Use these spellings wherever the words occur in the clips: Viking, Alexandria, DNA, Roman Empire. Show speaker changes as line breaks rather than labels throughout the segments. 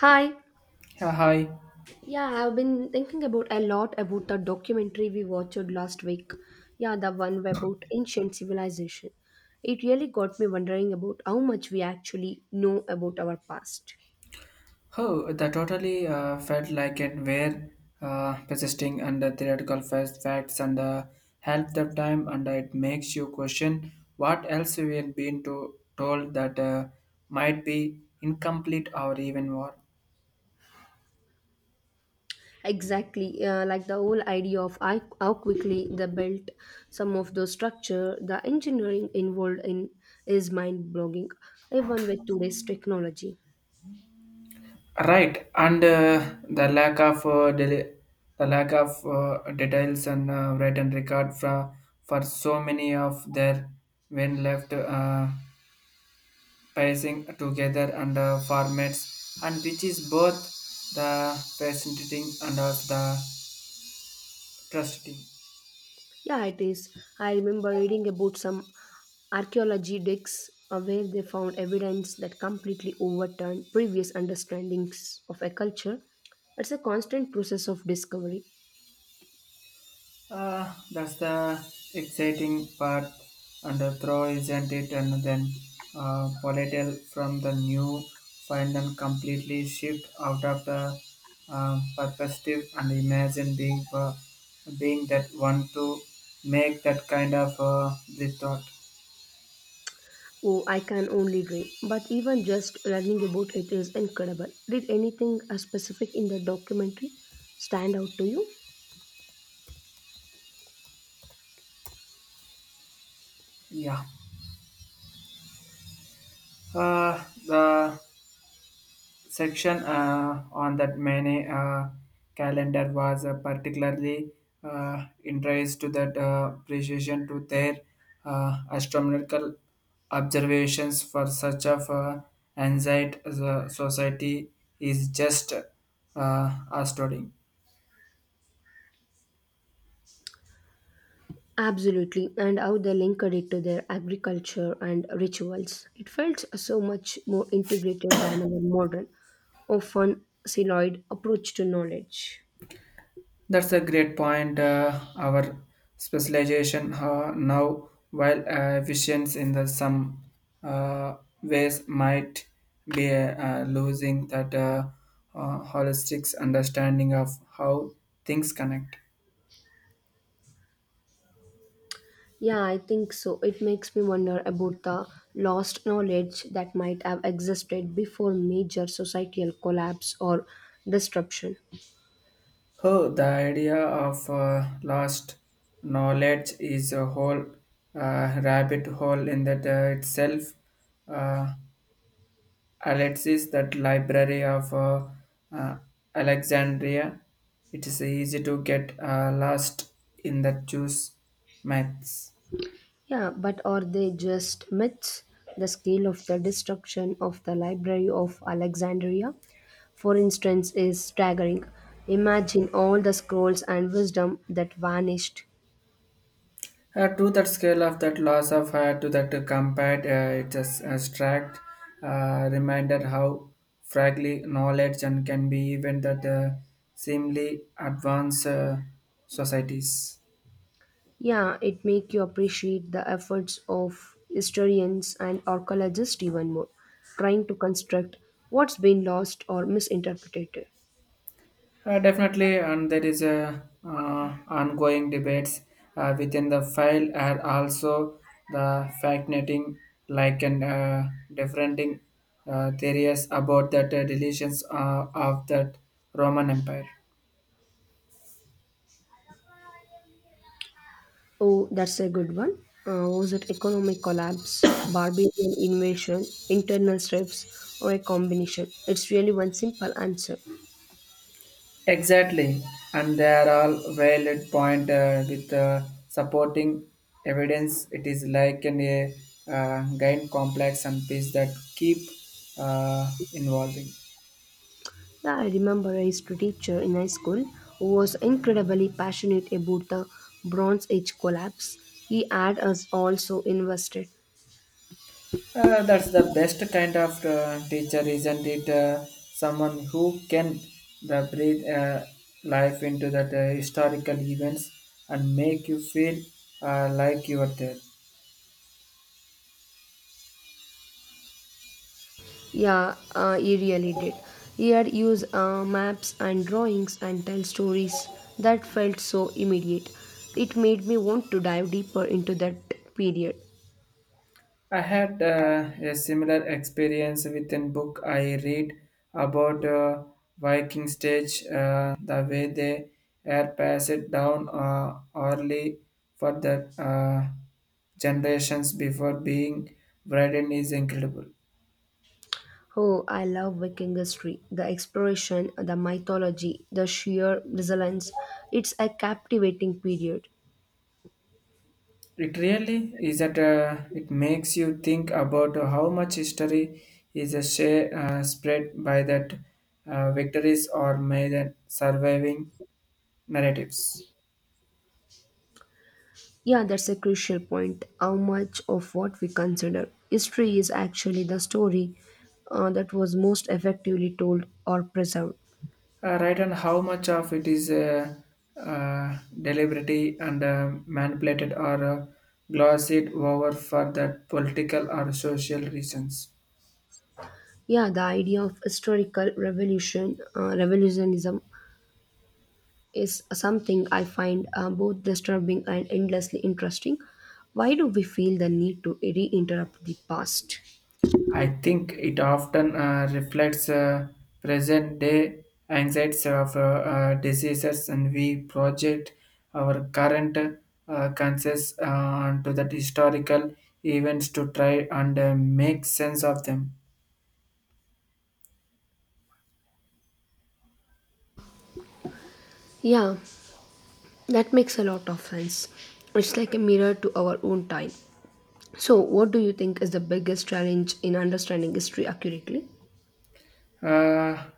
Hi.
Yeah, hi.
Yeah, I've been thinking about a lot about the documentary we watched last week. Yeah, the one about ancient civilization. It really got me wondering about how much we actually know about our past.
Oh, that totally felt like it were persisting under theoretical first facts and help the time, and it makes you question what else we had been to, told that might be incomplete or even more.
Exactly, like the whole idea of how quickly they built some of those structure, the engineering involved in is mind-blowing, even with today's technology.
Right, and the lack of the lack of details and written record for so many of their when left. Pacing together and formats and which is both the fascinating and of the trusting.
Yeah, it is. I remember reading about some archaeology digs where they found evidence that completely overturned previous understandings of a culture. It's a constant process of discovery.
That's the exciting part and the throw isn't it and then volatile from the new find and completely shift out of the uh, perspective and imagine being being that one to make that kind of the thought.
Oh, I can only dream. But even just learning about it is incredible. Did anything specific in the documentary stand out to you?
Yeah, the section on that many calendar was particularly interest to that precision to their astronomical observations for such of anxiety the society is just astounding.
Absolutely, and how they linked it to their agriculture and rituals. It felt so much more integrated than our modern, often siloed approach to knowledge.
That's a great point. Our specialization now, while efficient in the some uh, ways, might be losing that holistic understanding of how things connect.
Yeah, I think so. It makes me wonder about the lost knowledge that might have existed before major societal collapse or disruption.
Oh, the idea of lost knowledge is a whole rabbit hole in that itself. Uh, Alexis, that library of uh, Alexandria, it is easy to get lost in that Jews maths.
Yeah, but are they just myths? The scale of the destruction of the Library of Alexandria, for instance, is staggering. Imagine all the scrolls and wisdom that vanished.
To that scale of that loss of her to that compared, it is abstract, reminded how fragile knowledge and can be even that seemingly advanced societies.
Yeah, it make you appreciate the efforts of historians and archaeologists even more, trying to construct what's been lost or misinterpreted.
Definitely, and there is a ongoing debates within the file are also the fascinating like and differing theories about that deletions of that Roman Empire.
Oh, that's a good one. Was it economic collapse, barbarian invasion, internal strifts, or a combination? It's really one simple answer.
Exactly, and they are all valid point with supporting evidence. It is like an, a gain complex and piece that keep uh, involving.
Yeah, I remember a history teacher in high school who was incredibly passionate about the Bronze Age collapse. He had us also invested.
That's the best kind of teacher, isn't it? Someone who can the breathe life into that historical events and make you feel like you are there.
Yeah, he really did. He had used maps and drawings and tell stories that felt so immediate. It made me want to dive deeper into that period.
I had a similar experience with a book I read about Viking stage, the way they air pass it down early for the generations before being written is incredible.
Oh, I love Viking history. The exploration, the mythology, the sheer resilience. It's a captivating period.
It really is that it makes you think about how much history is a share, spread by that victories or may the surviving narratives.
Yeah, that's a crucial point. How much of what we consider history is actually the story that was most effectively told or preserved.
Right, and how much of it is deliberately and manipulated or glossed over for that political or social reasons.
Yeah, the idea of historical revolutionism, is something I find both disturbing and endlessly interesting. Why do we feel the need to reinterrupt the past?
I think it often reflects present day anxieties of diseases, and we project our current concerns onto the historical events to try and make sense of them.
Yeah, that makes a lot of sense. It's like a mirror to our own time. So, what do you think is the biggest challenge in understanding history accurately?
Uh,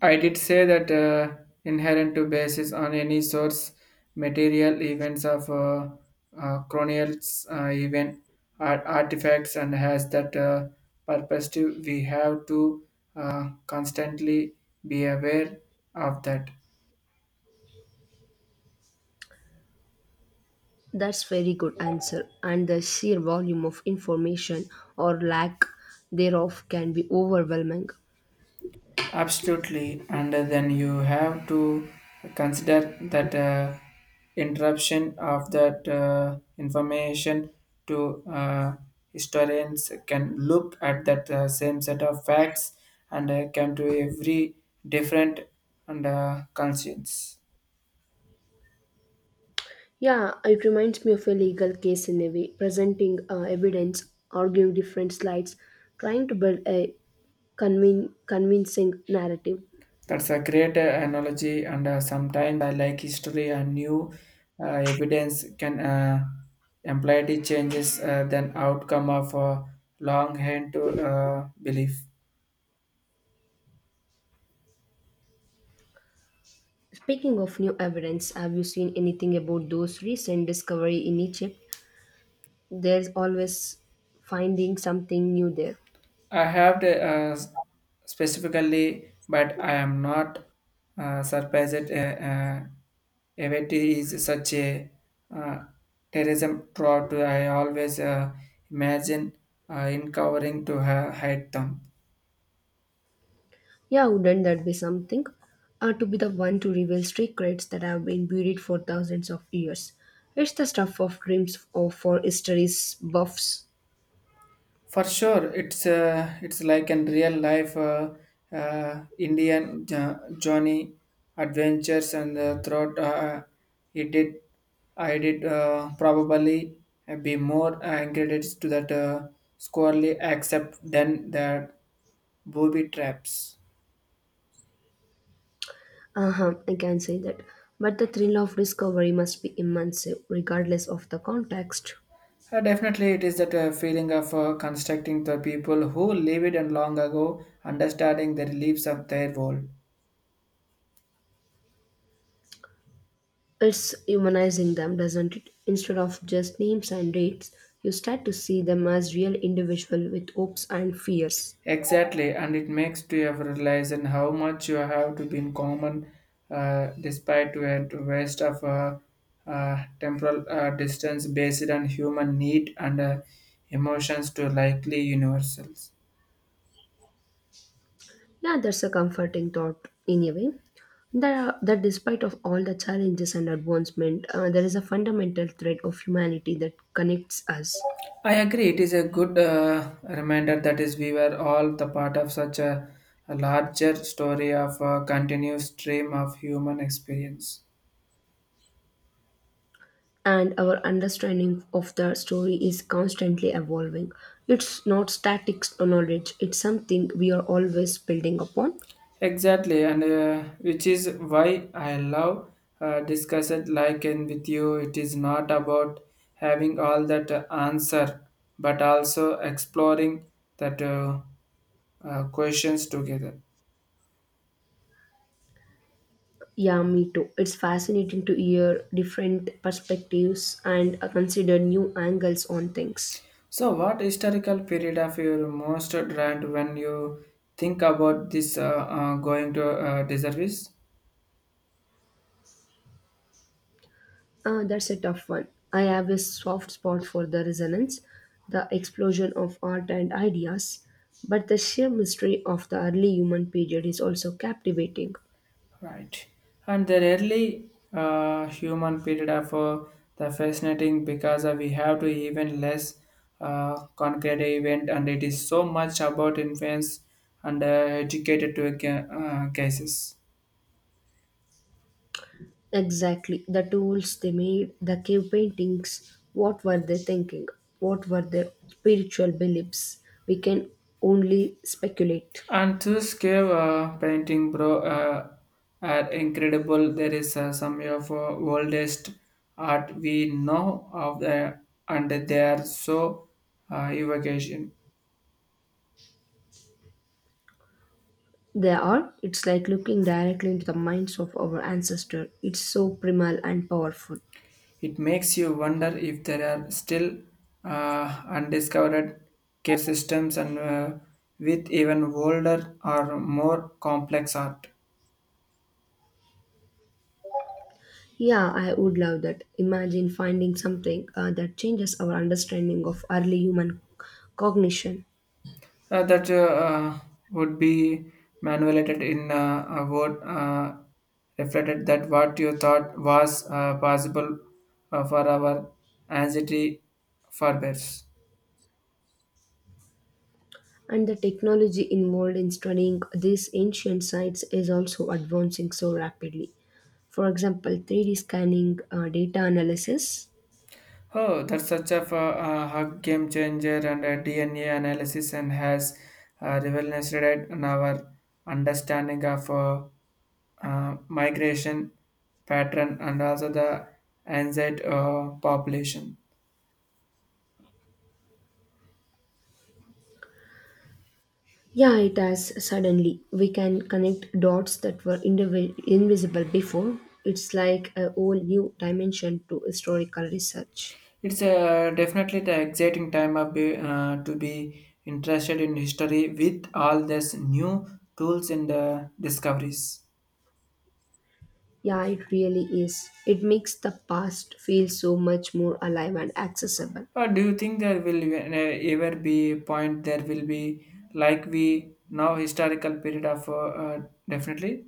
I did say that inherent to basis on any source material events of chronicles, event artifacts, and has that purpose we have to constantly be aware of that.
That's very good answer. And the sheer volume of information or lack thereof can be overwhelming.
Absolutely, and then you have to consider that interruption of that information to historians can look at that same set of facts and come to every different and conscience.
Yeah, it reminds me of a legal case in a way, presenting evidence, arguing different slides, trying to build a convincing narrative.
That's a great analogy, and sometimes I like history and new evidence can imply the changes than outcome of a long hand to belief.
Speaking of new evidence, have you seen anything about those recent discovery in Egypt? There's always finding something new there.
I have the, specifically, but I am not surprised. Uh, Event is such a uh, terrorism throughout. I always imagine uncovering to hide them.
Yeah, wouldn't that be something? To be the one to reveal secrets that have been buried for thousands of years. It's the stuff of dreams of for history's buffs.
For sure, it's like in real life Indian Johnny adventures and throughout he did I did probably be more incredulous to that squarely accept than the booby traps.
Uh-huh, I can say that. But the thrill of discovery must be immense, regardless of the context.
Definitely, it is that feeling of constructing the people who lived and long ago, understanding the reliefs of their world.
It's humanizing them, doesn't it? Instead of just names and dates, you start to see them as real individual with hopes and fears.
Exactly, and it makes to you realize and how much you have to be in common, despite to a to waste of temporal distance based on human need and emotions to likely universals.
Yeah, that's a comforting thought in a way. That, that despite of all the challenges and advancement, there is a fundamental thread of humanity that connects us.
I agree. It is a good reminder that is we were all the part of such a larger story of a continuous stream of human experience.
And our understanding of the story is constantly evolving. It's not static knowledge, it's something we are always building upon.
Exactly, and which is why I love discussed like and with you. It is not about having all that answer, but also exploring that questions together.
Yeah, me too. It's fascinating to hear different perspectives and consider new angles on things.
So, what historical period of your most drawn when you think about this going to deservice?
That's a tough one. I have a soft spot for the resonance, the explosion of art and ideas, but the sheer mystery of the early human period is also captivating.
Right. And the early human period of the fascinating because we have to even less concrete event and it is so much about influence and educated to cases.
Exactly, the tools they made, the cave paintings, what were they thinking? What were their spiritual beliefs? We can only speculate.
And this cave painting bro are incredible. There is some of oldest art we know of the and they are so evocation.
They are. It's like looking directly into the minds of our ancestor. It's so primal and powerful.
It makes you wonder if there are still undiscovered care systems and with even older or more complex art
Yeah, I would love that. Imagine finding something that changes our understanding of early human cognition.
that uh, would be manipulated in a word reflected that what you thought was possible for our anxiety forbears.
And the technology involved in studying these ancient sites is also advancing so rapidly. For example, 3D scanning, data analysis,
Oh, that's such a, a hug game changer and D N a DNA analysis and has revolutionized in our understanding of migration pattern and also the anxiety population.
yeah, it has suddenly. We can connect dots that were invisible before. It's like a whole new dimension to historical research.
It's definitely the exciting time of be, to be interested in history with all these new tools and discoveries.
Yeah, it really is. It makes the past feel so much more alive and accessible.
Or do you think there will ever be a point there will be like we now historical period of definitely?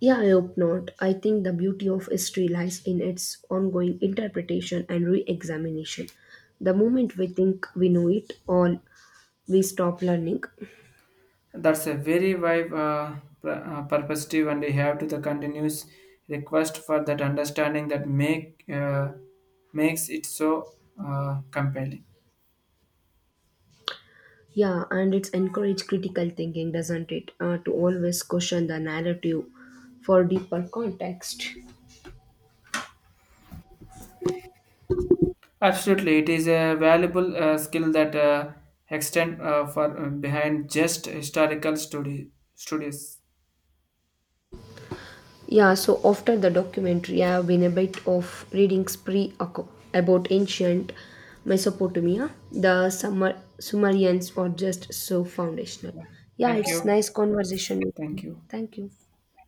Yeah, I hope not. I think the beauty of history lies in its ongoing interpretation and re examination. The moment we think we know it all, we stop learning.
That's a very wide perspective and we have to the continuous request for that understanding that make makes it so compelling.
Yeah, and it's encourage critical thinking, doesn't it? To always question the narrative for deeper context.
Absolutely, it is a valuable skill that extend for behind just historical study studies.
Yeah, so after the documentary, I have been a bit of reading spree about ancient Mesopotamia. The Sumerians were just so foundational. Yeah,
Thank
it's
you,
nice conversation. With you.
thank you.
Thank you.